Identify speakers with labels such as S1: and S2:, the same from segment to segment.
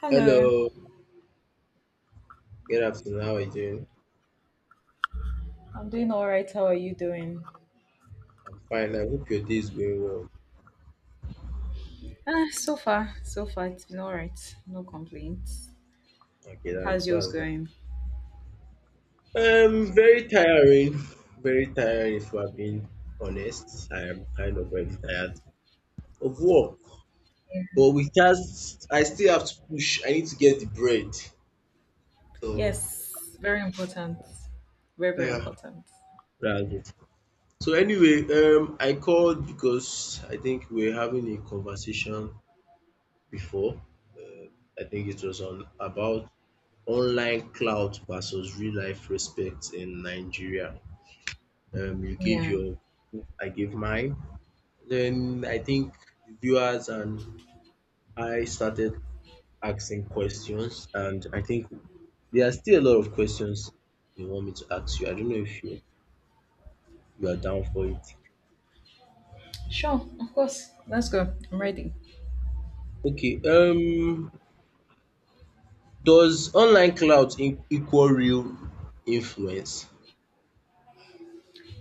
S1: Hello,
S2: Hello, good afternoon. How are you doing?
S1: I'm doing all right. How are you doing?
S2: I'm fine. I hope your day is going well.
S1: Ah, so far, so far it's been all right. No complaints.
S2: Okay, that's
S1: How's yours
S2: that's that.
S1: going?
S2: Very tiring, very tiring. If I'm being honest, I am kind of very tired of work, but we can't. I still have to push. I need to get the bread. So
S1: Yes, very important. Very, very
S2: yeah,
S1: important.
S2: that's it. So anyway, I called because I think we are having a conversation before. Uh, I think it was on about online clout versus real life respect in Nigeria. You give
S1: Yeah.
S2: your, I give mine. Then I think the viewers and I started asking questions, and I think there are still a lot of questions they want me to ask you. I don't know if you are down for it.
S1: Sure, of course. Let's go. I'm ready.
S2: Okay. Does online clout in, equal real influence?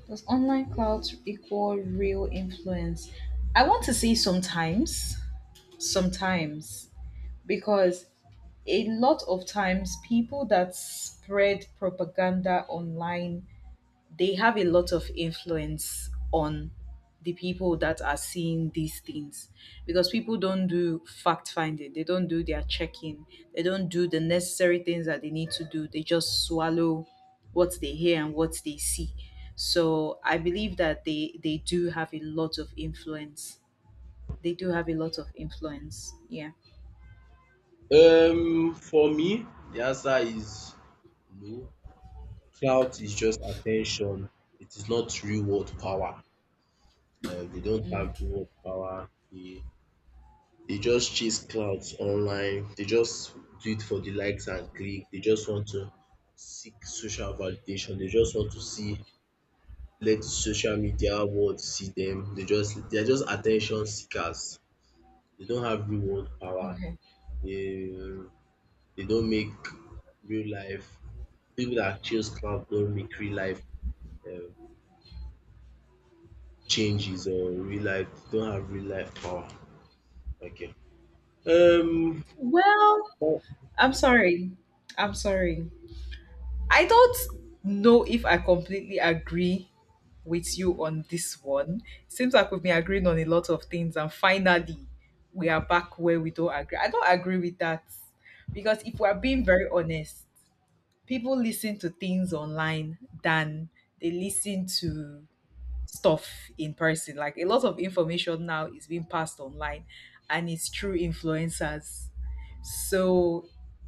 S1: Does online clout equal real influence? I want to say sometimes, because a lot of times people that spread propaganda online they have a lot of influence on the people that are seeing these things because people don't do fact finding, they don't do their checking, they don't do the necessary things that they need to do, they just swallow what they hear and what they see. So I believe that they do have a lot of influence. They do have a lot of influence. Yeah.
S2: For me, the answer is no. Clout is just attention. It is not real world power. They don't have real world power. They just chase clouds online. They just do it for the likes and click. They just want to seek social validation. They just want to see let social media world see them. They are just attention seekers. They don't have real world power.
S1: Okay.
S2: They don't make real life. People that chase clout don't make real life. Um, Changes or real life they don't have real life power. Okay. Um
S1: Well, I'm sorry. I'm sorry. I don't know if I completely agree with you on this one. Seems like we've been agreeing on a lot of things, and finally, we are back where we don't agree. I don't agree with that because if we're being very honest, people listen to things online than they listen to stuff in person. Like a lot of information now is being passed online, and it's through influencers. So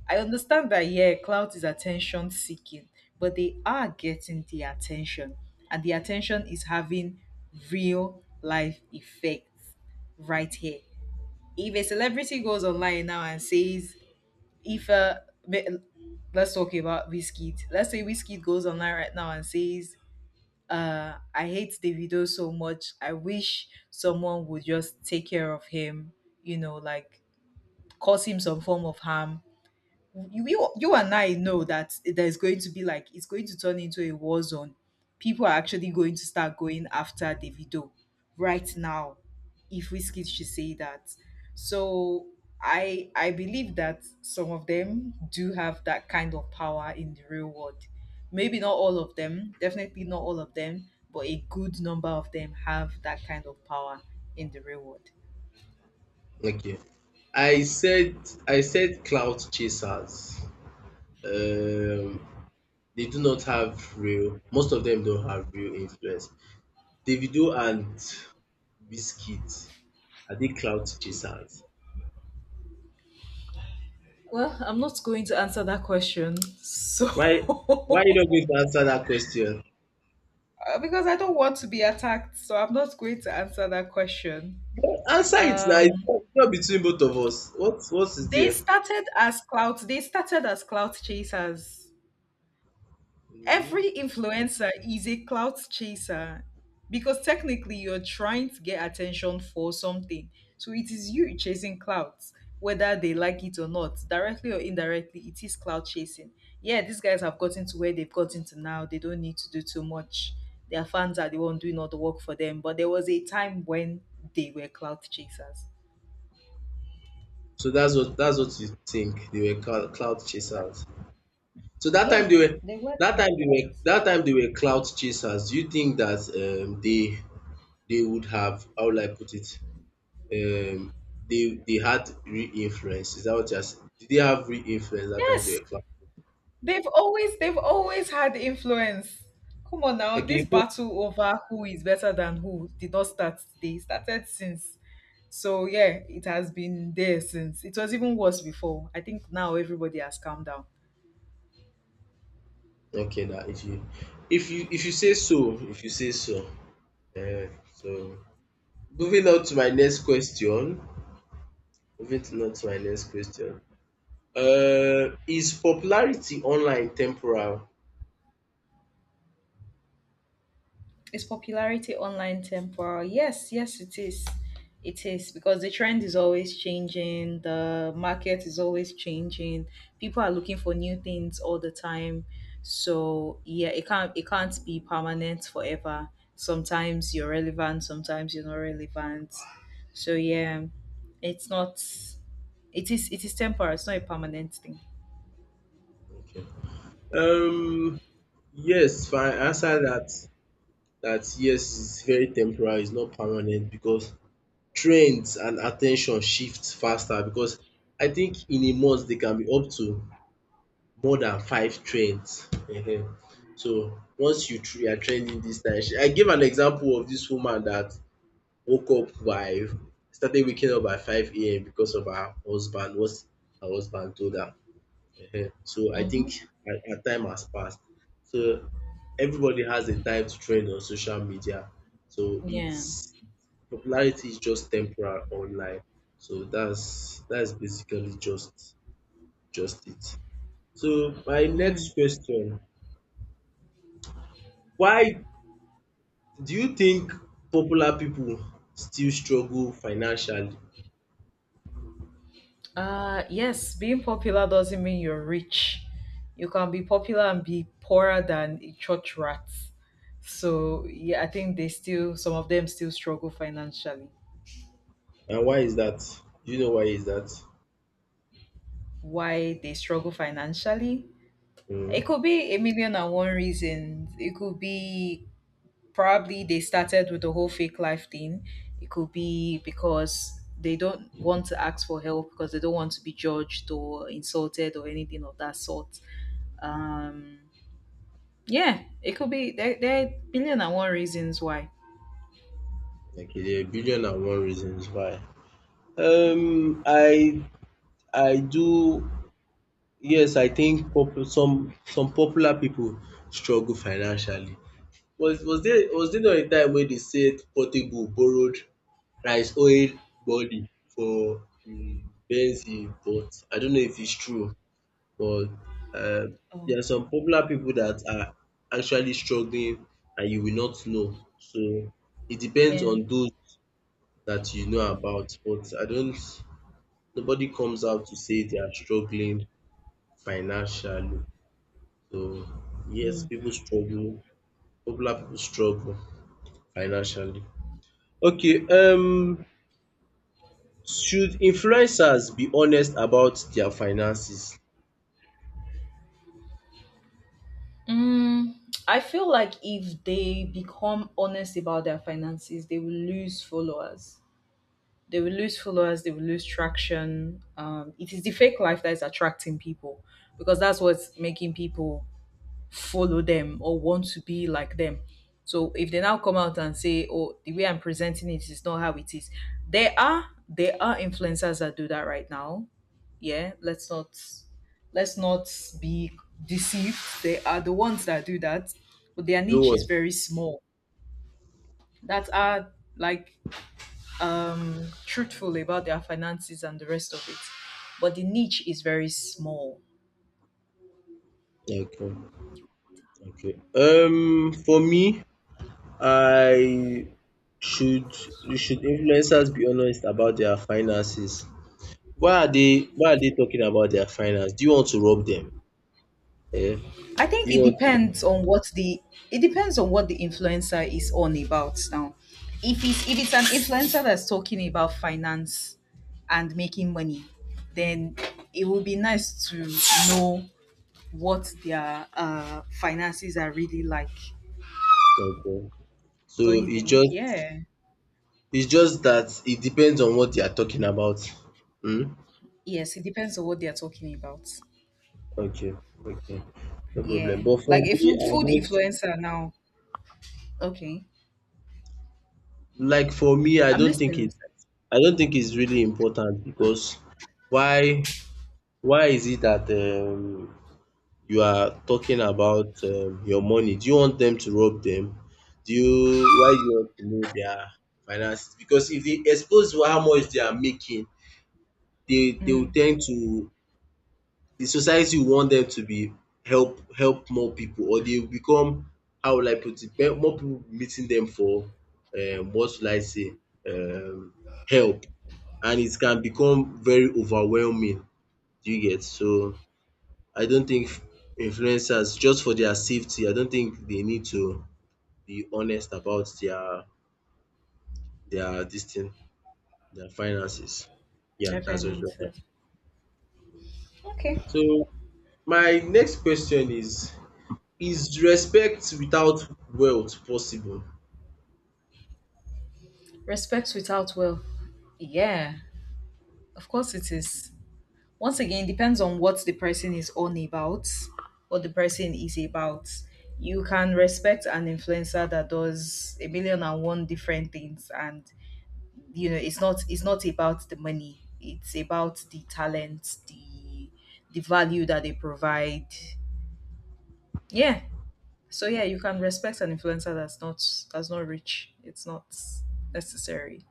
S1: I understand that, yeah, clout is attention seeking, but they are getting the attention, and the attention is having real life effects right here. If a celebrity goes online now and says, if me- let's talk about Whiskey, let's say Whiskey goes online right now and says, I hate Davido so much. I wish someone would just take care of him, you know, like cause him some form of harm you and I know that there's going to be like it's going to turn into a war zone. People are actually going to start going after Davido right now, if Wizkid should say that. So I believe that some of them do have that kind of power in the real world. Maybe not all of them, definitely not all of them, but a good number of them have that kind of power in the real world.
S2: okay. I said I said cloud chasers. Um they do not have real most of them don't have real influence. Davido and Wizkid, are they cloud chasers?
S1: Well, I'm not going to answer that question. So
S2: Why you not going to answer that question?
S1: Because I don't want to be attacked, so I'm not going to answer that question.
S2: Answer it now. It's
S1: Um,
S2: not it's not between both of us. What is
S1: they
S2: there?
S1: started as clout. They started as clout chasers.
S2: Mm.
S1: Every influencer is a clout chaser because technically you're trying to get attention for something. So it is you chasing clouts, whether they like it or not, directly or indirectly, it is clout chasing. Yeah, these guys have gotten to where they've gotten to now. They don't need to do too much. Their fans are the one doing all the work for them. But there was a time when they were clout chasers.
S2: So that's what you think. They were cloud chasers. So that
S1: Yeah,
S2: time they were
S1: they were.
S2: that time they were clout chasers. Do you think that they would have how will I put it? Um they had real influence. Is that what you're saying? Did they have real influence that time they
S1: Yes,
S2: were clout?
S1: they've always had influence. Come on now, this
S2: Okay. If-
S1: battle over who is better than who did not start today. It started since. So yeah, it has been there since. It was even worse before. I think now everybody has calmed down.
S2: Okay now if you if you if you say so, if you say so. Uh, so moving on to my next question. Moving to on to my next question. Uh, is popularity online temporal?
S1: Is popularity online temporal? Yes, yes, it is. It is because the trend is always changing, the market is always changing. People are looking for new things all the time. So yeah, it can't be permanent forever. Sometimes you're relevant, sometimes you're not relevant. So yeah, it's not it is temporal, it's not a permanent thing.
S2: Okay. Um, yes, if I answer that that yes, it's very temporary, it's not permanent because trends and attention ten shift faster because I think in a month they can be up to more than five trends. um So once you tr- you are trending this time, she- I gave an example of this woman that woke up by started waking up by five AM because of her husband, what her husband told her. Ehen. So I think
S1: Mm-hmm.
S2: a our time has passed. So everybody has a time to trend on social media. So
S1: Yeah.
S2: it's popularity is just temporary online. So that's basically just it. So my
S1: Mm.
S2: next question, why do you think popular people still struggle financially?
S1: Yes, being popular doesn't mean you're rich. You can be popular and be poorer than a church rat. So yeah, I think they still some of them still struggle financially.
S2: And why is that? Do you know why is that?
S1: Why they struggle financially? It
S2: Mm.
S1: could be a million and one reasons. It could be probably they started with the whole fake life thing. It could be because they don't want to ask for help because they don't want to be judged or insulted or anything of that sort. Um Yeah, it could be there are billion and one reasons why.
S2: Okay, there are a billion and one reasons why. Um, I I do. Yes, I think popu- some popular people struggle financially. Was there not a time wey they said Portable borrowed rice oil body for the Benz he bought? I don't know if it's true, but um
S1: Oh,
S2: there are some popular people that are actually struggling and you will not know. So it depends
S1: yeah.
S2: on those that you know about, but I don't nobody comes out to say they are struggling financially. So yes,
S1: Mm.
S2: people struggle. Popular people struggle financially. Okay, should influencers be honest about their finances?
S1: Mm, I feel like if they become honest about their finances, they will lose followers. They will lose followers. They will lose traction. It is the fake life that is attracting people because that's what's making people follow them or want to be like them. So if they now come out and say, "Oh, the way I'm presenting it is not how it is," there are influencers that do that right now. Yeah, let's not be deceived. They are the ones that do that, but their
S2: Do
S1: niche
S2: what?
S1: is very small. That are like truthful about their finances and the rest of it. But the niche is very small.
S2: Okay, okay. For me, I should influencers be honest about their finances? Why are they why are they talking about their finance? Do you want to rob them? Eh?
S1: I
S2: Do
S1: think
S2: you want to?
S1: it depends on what the influencer is on about now. If it's an influencer that's talking about finance and making money, then it would be nice to know what their finances are really like.
S2: Okay. So
S1: Don't you
S2: it
S1: think?
S2: just
S1: Yeah.
S2: it's just that it depends on what they are talking about. Hmm.
S1: Yes, it depends on what they are talking about.
S2: Okay, okay. No problem.
S1: Yeah.
S2: But for
S1: Like if
S2: me,
S1: you
S2: I
S1: food
S2: don't
S1: influencer now. Okay.
S2: like for me, I
S1: I'm
S2: don't think
S1: listening.
S2: it
S1: Sir.
S2: I don't think it's really important because why why is it that you are talking about your money? Do you want them to rob them? Do you why do you want to know their finances? Because if they expose how much they are making, they will tend to the society will want them to be help more people or they will become how will I put it be more people meeting them for what should I say um help and it can become very overwhelming do you get so I don't think influencers just for their safety I don't think they need to be honest about their this thing their finances. Yeah,
S1: Their
S2: that's just what I.
S1: finances. Okay.
S2: So my next question is respect without wealth possible?
S1: Respect without will. Yeah, of course it is. Once again, depends on what the person is on about, what the person is about. You can respect an influencer that does a million and one different things, and you know it's not about the money. It's about the talent, the value that they provide. Yeah. So yeah, you can respect an influencer that's not rich. It's not necessary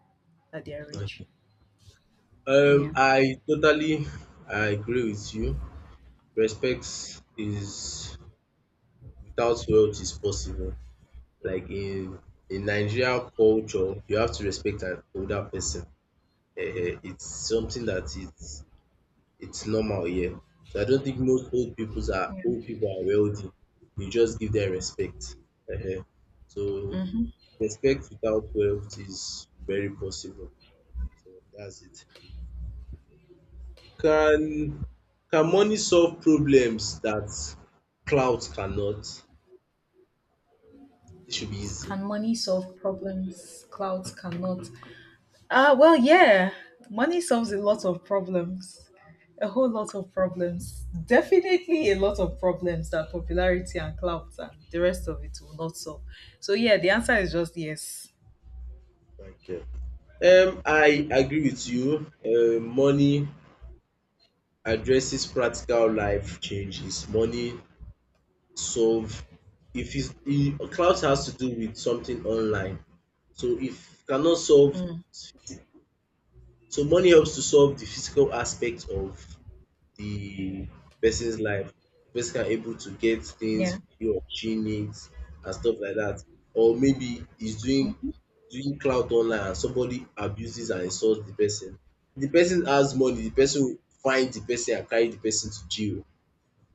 S1: that they are rich.
S2: Um
S1: Yeah.
S2: I totally I agree with you. Respect is without wealth is possible. Like in Nigeria culture, you have to respect an older person. Eh, eh, it's something that it's normal here. So I don't think most old peoples are old people are wealthy. You just give them respect. um So
S1: Hmm.
S2: respect without wealth is very possible. So that's it. Can can money solve problems that clout cannot? This should be easy.
S1: Can money solve problems clouds cannot? Ah, well, yeah, money solves a lot of problems, a whole lot of problems. Definitely a lot of problems that popularity and clout and the rest of it will not solve. So, yeah, the answer is just yes.
S2: Thank you. I agree with you. Money addresses practical life changes. Money solve if it's e- clout has to do with something online. So if cannot solve
S1: Mm,
S2: so money helps to solve the physical aspect of the person's life. The person are able to get
S1: yeah.
S2: things he or she needs and stuff like that. Or maybe he's doing doing clout online and somebody abuses and insults the person. The person has money, the person will find the person and carry the person to jail.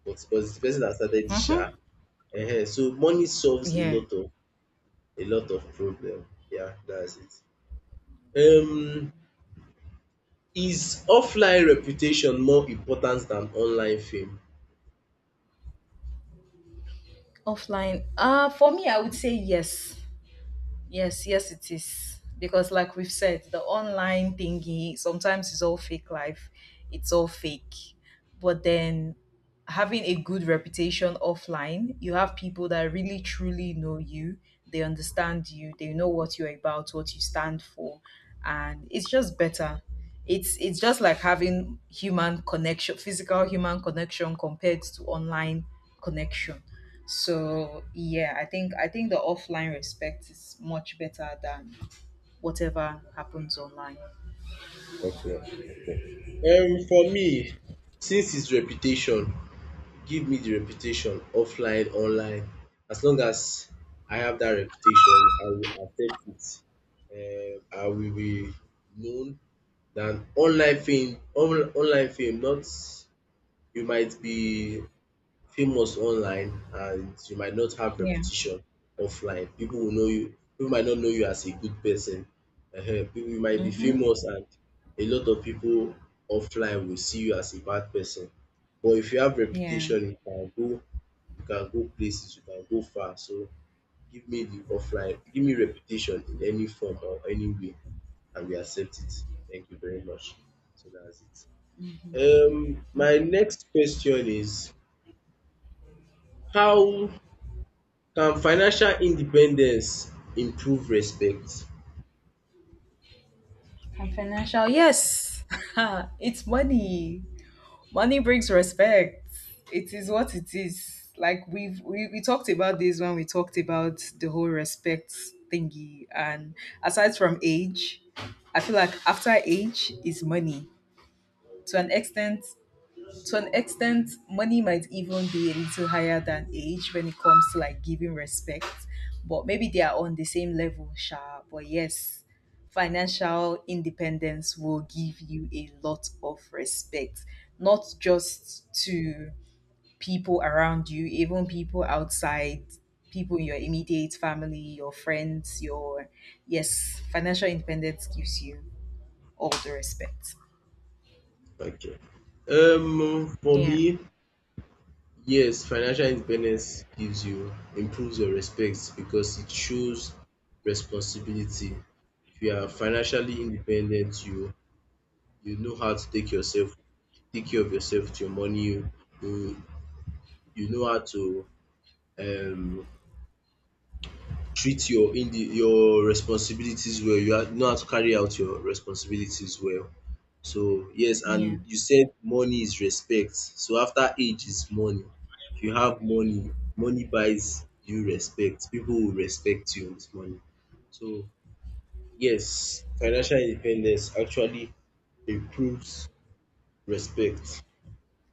S2: But it's the person that started the sha.
S1: Mm-hmm.
S2: Ehen. So money solves a
S1: Yeah.
S2: lot of a lot of problem. Yeah, that's it. Um, is offline reputation more important than online fame?
S1: Offline. For me, I would say yes. Yes, yes, it is. Because, like we've said, the online thingy sometimes is all fake life, it's all fake. But then having a good reputation offline, you have people that really truly know you, they understand you, they know what you're about, what you stand for, and it's just better. It's just like having human connection, physical human connection compared to online connection. So yeah, I think the offline respect is much better than whatever happens online.
S2: For me since his reputation give me the reputation offline online as long as I have that reputation I will accept it I will be known than online fame on, online fame not you might be famous online and you might not have
S1: Yeah.
S2: reputation offline. People will know you, people might not know you as a good person. Ehen, people you might be
S1: Mm-hmm.
S2: famous and a lot of people offline will see you as a bad person. But if you have
S1: Yeah.
S2: reputation, you can go places, you can go far. So give me the offline, give me reputation in any form or any way and we accept it. Thank you very much. So that's it. Um, my
S1: Okay.
S2: next question is how can financial independence improve respect?
S1: So yes, it's money. Money brings respect. It is what it is. Like we talked about this when we talked about the whole respect thingy. And aside from age, I feel like after age is money. To an extent, to an extent, money might even be a little higher than age when it comes to like giving respect, but maybe they are on the same level, sha. But yes, financial independence will give you a lot of respect, not just to people around you, even people outside, people in your immediate family, your friends, your yes, financial independence gives you all the respect.
S2: Okay. For
S1: Yeah.
S2: me, yes, financial independence gives you improves your respect because it shows responsibility. If you are financially independent, you know how to take yourself take care of yourself with your money. You you know how to um treat your indi your responsibilities well. You ha know how to carry out your responsibilities well. So yes,
S1: Yeah,
S2: and you said money is respect. So after age is money. If you have money, money buys you respect. People will respect you with money. So yes, financial independence actually improves respect.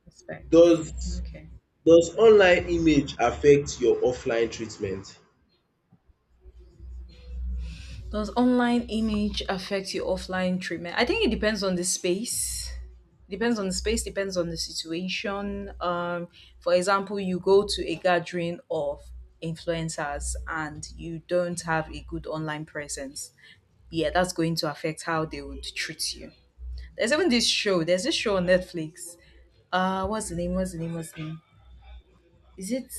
S1: respect.
S2: Does
S1: Okay.
S2: online image affect your offline treatment?
S1: Does online image affect your offline treatment? I think it depends on the space. Depends on the space, depends on the situation. For example, you go to a gathering of influencers and you don't have a good online presence. Yeah, that's going to affect how they would treat you. There's this show on Netflix. What's the name? Is it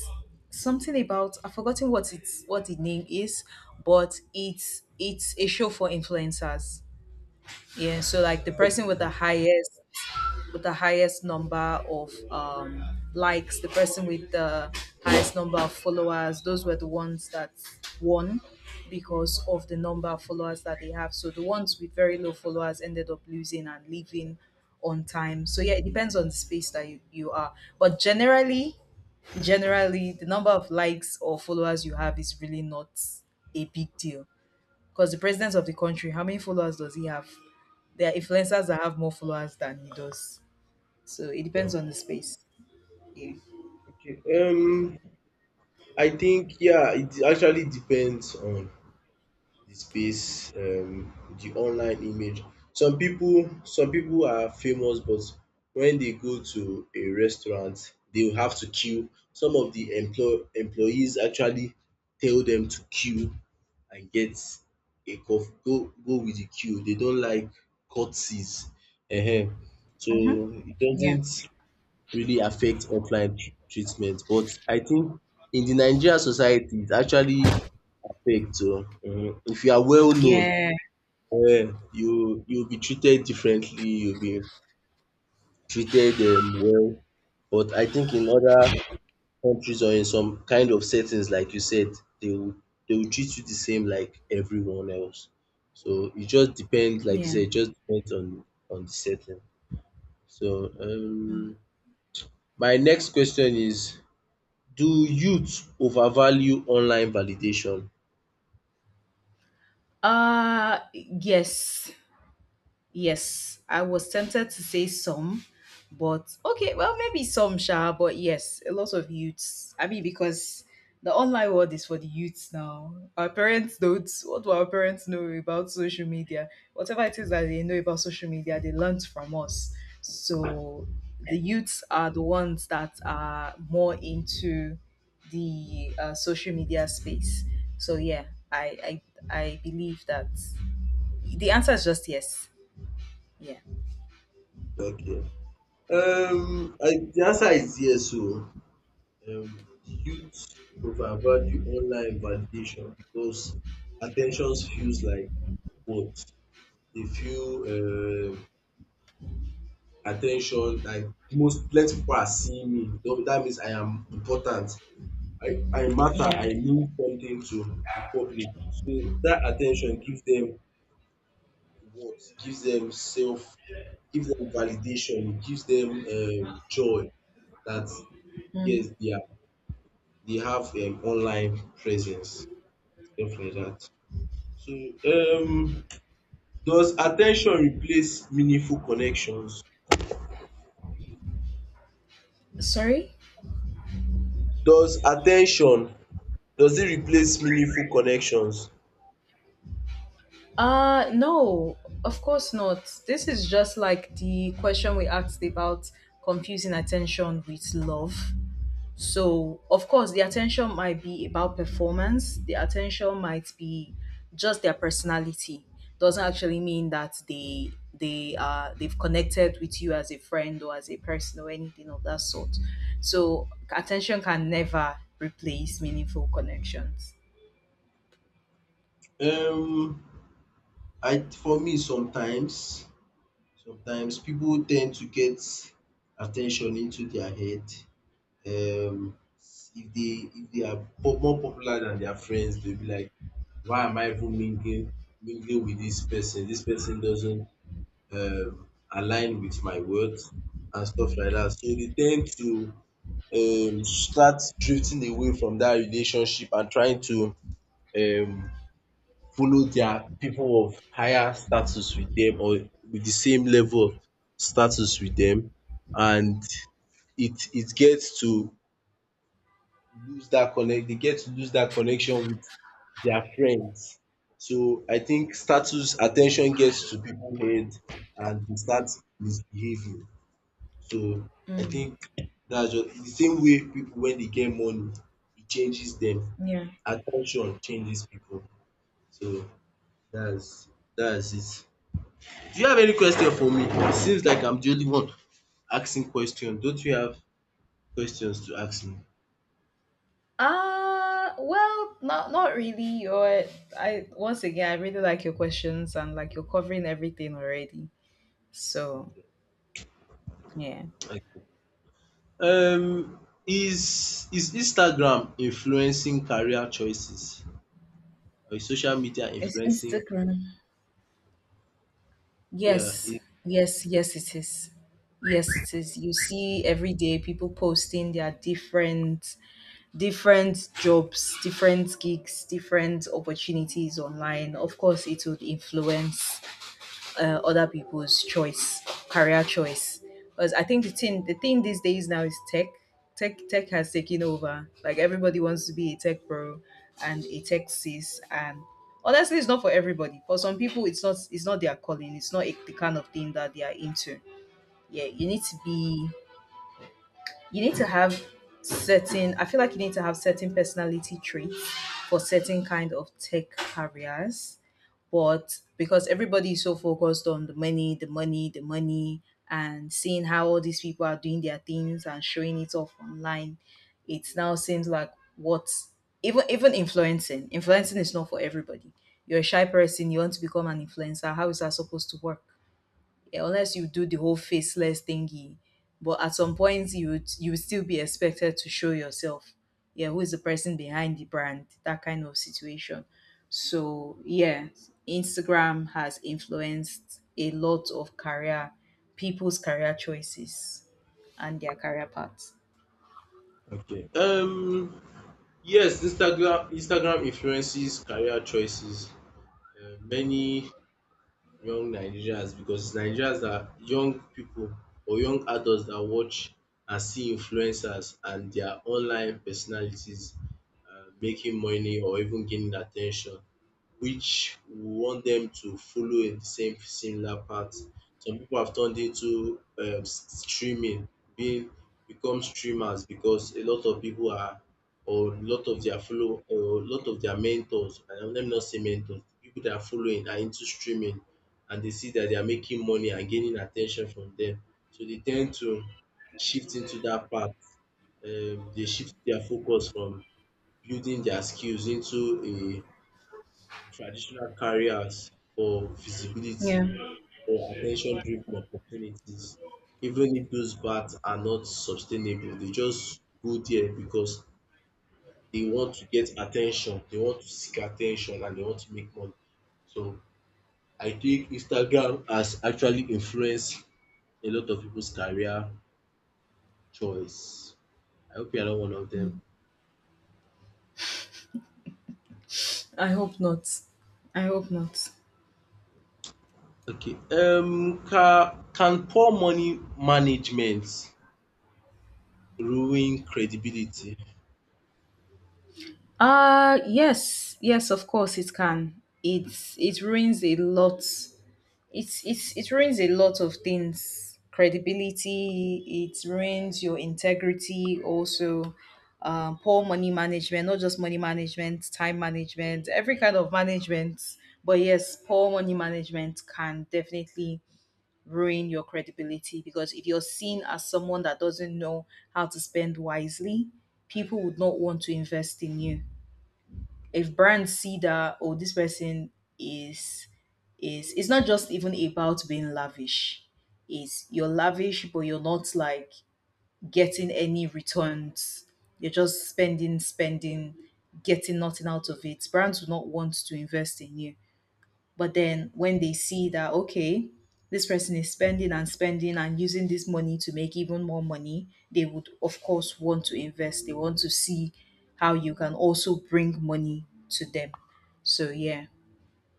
S1: something about I've forgotten what the name is, but it's a show for influencers. Yeah, so like the person with the highest number of likes, the person with the highest number of followers, those were the ones that won because of the number of followers that they have. So the ones with very low followers ended up losing and leaving on time. So yeah, it depends on the space that you are. But generally the number of likes or followers you have is really not a big deal because the president of the country, how many followers does he have? There are influencers that have more followers than he does, so it depends
S2: No.
S1: on the space. Yeah.
S2: Okay, um, I think yeah, it actually depends on the space, the online image. Some people are famous, but when they go to a restaurant, they will have to queue. Some of the employ employees actually tell them to queue and get a cof go go with the queue. They don't like courtesies. Ehen. So it
S1: Yeah.
S2: doesn't really affect offline tr- treatment but I think in the Nigerian society it actually affect. So, um, if you are well known
S1: Yeah.
S2: you you will be treated differently you will be treated well but I think in other countries or in some kind of settings like you said they will treat you the same like everyone else so it just depends like you
S1: Yeah.
S2: said it just depends on the setting so
S1: Mm.
S2: my next question is do youth overvalue online validation?
S1: Uh, yes. Yes, I was tempted to say some, but okay, well, maybe some, sha, but yes, a lot of youths. I mean, because the online world is for the youths now. Our parents don't. What do our parents know about social media? Whatever it is that they know about social media, they learnt from us. So the youths are the ones that are more into the social media space. So yeah, I, I believe that the answer is just yes. Yeah.
S2: Okay. Um, I the answer is yes oh. Um, youth overvalue online validation because attention feels like what they feel at like most plenty people are seeing me so dat means I am important. I matter,
S1: Yeah.
S2: I mean something to the public. So that attention ten tion give dem worth, gives them self gives them validation, it gives them joy that
S1: Hmm.
S2: yes, they are they have an online presence, stuff like that. So, um, does attention replace meaningful connections?
S1: Sorry?
S2: Does attention does it replace meaningful connections?
S1: Uh, no, of course not. This is just like the question we asked about confusing attention with love. So, of course, the attention might be about performance. The attention might be just their personality. Doesn't actually mean that they've connected with you as a friend or as a person or anything of that sort. So, attention can never replace meaningful connections.
S2: Um, I for me sometimes people tend to get attention into their head um if they are more popular than their friends, they'll be like, why am I even mingling with this person? This person doesn't align with my words and stuff like that. So they tend to start drifting away from that relationship and trying to um, follow their people of higher status with them or with the same level of status with them, and it gets to lose that connect they get to lose that connection with their friends. So I think status attention gets to people head and they start misbehaving. So I
S1: Mm,
S2: think that's just the same way people when they get money, it changes them.
S1: yeah.
S2: Attention changes people. So that's that's it. Do you have any question for me? It seems like I'm the only one asking question. Don't you have questions to ask me?
S1: Well, not really. Your I once again, I really like your questions and like you're covering everything already. So
S2: Okay.
S1: yeah,
S2: Okay. um Is Instagram influencing career choices? Or is social media
S1: it's
S2: influencing?
S1: Instagram.
S2: Yeah.
S1: Yes, yes, it is. Yes, it is. You see every day people posting their different jobs, different gigs, different opportunities online. Of course, it would influence other people's choice, career choice. Because I think the thing these days now is tech. Tech has taken over. Like everybody wants to be a tech bro and a tech sis. And honestly, it's not for everybody. For some people, it's not their calling. It's not a, the kind of thing that they are into. Yeah, you need to be, you need to have certain. I feel like you need to have certain personality traits for certain kind of tech careers, but because everybody is so focused on the money, and seeing how all these people are doing their things and showing it off online, it now seems like what even influencing. Influencing is not for everybody. You're a shy person, you want to become an influencer. How is that supposed to work? Eh, unless you do the whole faceless thingy. But at some point, you would still be expected to show yourself. Yeah, who is the person behind the brand? That kind of situation. So yeah, Instagram has influenced a lot of career, people's career choices and their career paths.
S2: Okay. Yes, Instagram influences career choices. Many young Nigerians, because Nigerians are young people or young adults that watch and see influencers and their online personalities, making money or even gaining attention, which we want them to follow in the same similar path. Some people have turned into streaming, being become streamers because a lot of people are, or a lot of their mentors, and let me not say mentors, people that are following are into streaming, and they see that they are making money and gaining attention from them, so they tend to shift into that path. They shift their focus from building their skills into a traditional careers for visibility
S1: Yeah,
S2: or attention-driven opportunities, even if those paths are not sustainable. They just go there because they want to get attention, they want to seek attention, and they want to make money. So I think Instagram has actually influenced a lot of people's career choice. I hope you are not one of them.
S1: I hope not. I hope not.
S2: Okay. Can poor money management ruin credibility?
S1: Yes, of course it can. It's it ruins a lot it's it ruins a lot of things, credibility, it ruins your integrity also. Poor money management, not just money management, time management, every kind of management, but yes, poor money management can definitely ruin your credibility, because if you're seen as someone that doesn't know how to spend wisely, people would not want to invest in you. If brands see that, oh, this person is is it's not just even about being lavish, is you're lavish but you're not like getting any returns, you're just spending spending, getting nothing out of it, brands do not want to invest in you. But then when they see that, okay, this person is spending and spending and using this money to make even more money, they would, of course, want to invest. They want to see how you can also bring money to them. So, yeah,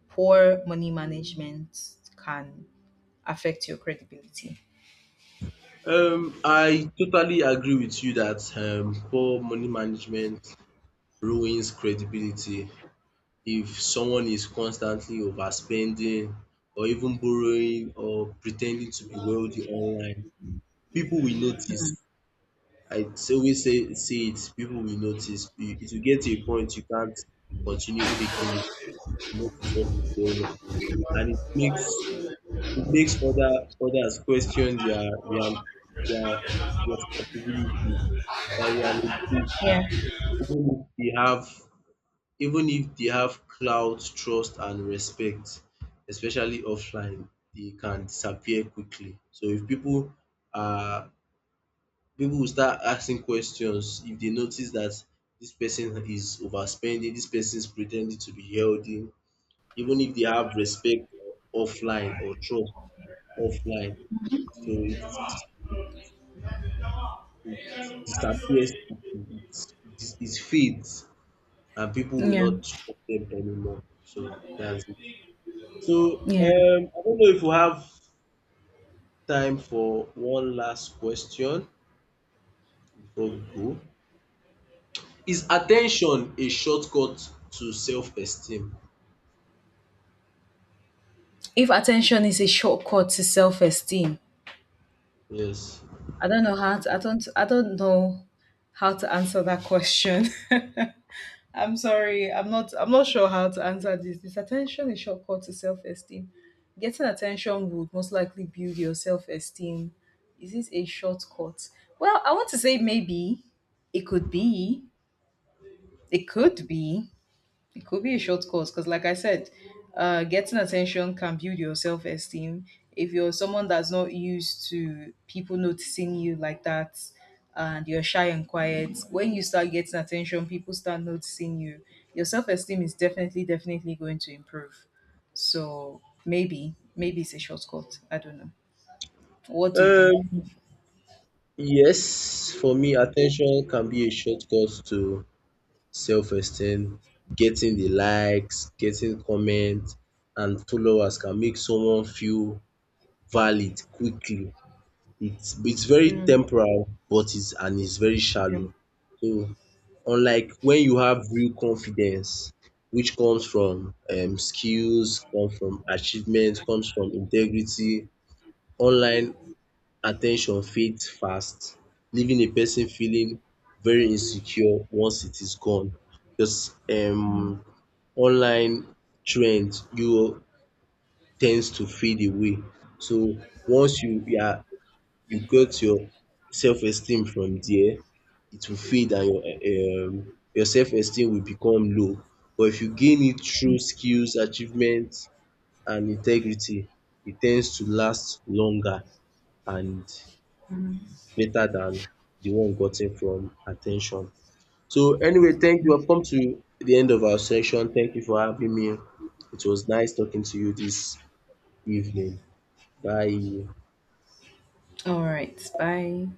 S1: poor money management can affect your credibility.
S2: I totally agree with you that poor money management ruins credibility. If someone is constantly overspending or even borrowing or pretending to be wealthy online, people will notice. Always say, say it, people will notice. It will get to a point you can't continue faking. It. You notice what is going on. And it makes other others question their real their responsibility, their reliability,
S1: Yeah.
S2: even if they have even if they have clout, trust and respect, especially offline, they can disappear quickly. So if people are people will start asking questions if they notice that this person is overspending, this person is pretending to be healthy, even if they have respect offline or trust offline. So it disappears, it fades, and people will
S1: Yeah.
S2: not trust them anymore. So that's it. So
S1: Yeah.
S2: I don't know if we have time for one last question before we go. Is attention a shortcut to self-esteem?
S1: If attention is a shortcut to self esteem,
S2: Yes.
S1: I don't know how to, I don't know how to answer that question. I'm sorry. I'm not sure how to answer this. This attention is shortcut to self-esteem. Getting attention would most likely build your self-esteem. Is this a shortcut? Well, I want to say maybe. It could be. It could be. It could be a short course because, like I said, getting attention can build your self esteem. If you're someone that's not used to people noticing you like that and you're shy and quiet, when you start getting attention, people start noticing you, your self esteem is definitely, definitely going to improve. So maybe, maybe it's a shortcut. I don't know. What do you think?
S2: Um, yes, for me, attention can be a shortcut to self-esteem. Getting the likes, getting comment and followers can make someone feel valid quickly. It's very
S1: Mm.
S2: temporal, but it's and it's very shallow. So unlike when you have real confidence, which comes from skills, comes from achievement, comes from integrity, online at ten tion fades fast, leaving a person feeling very insecure once it is gone. Because online trend you tends to fade away. So once you got your self esteem from there, it will fade and your self esteem will become low. But if you gain it through skills, achievement and integrity, it tends to last longer and greater than the one gotten from at ten tion. So anyway, thank you, we have come to the end of our session. Thank you for having me. It was nice talking to you this evening. Bye.
S1: All right. Bye.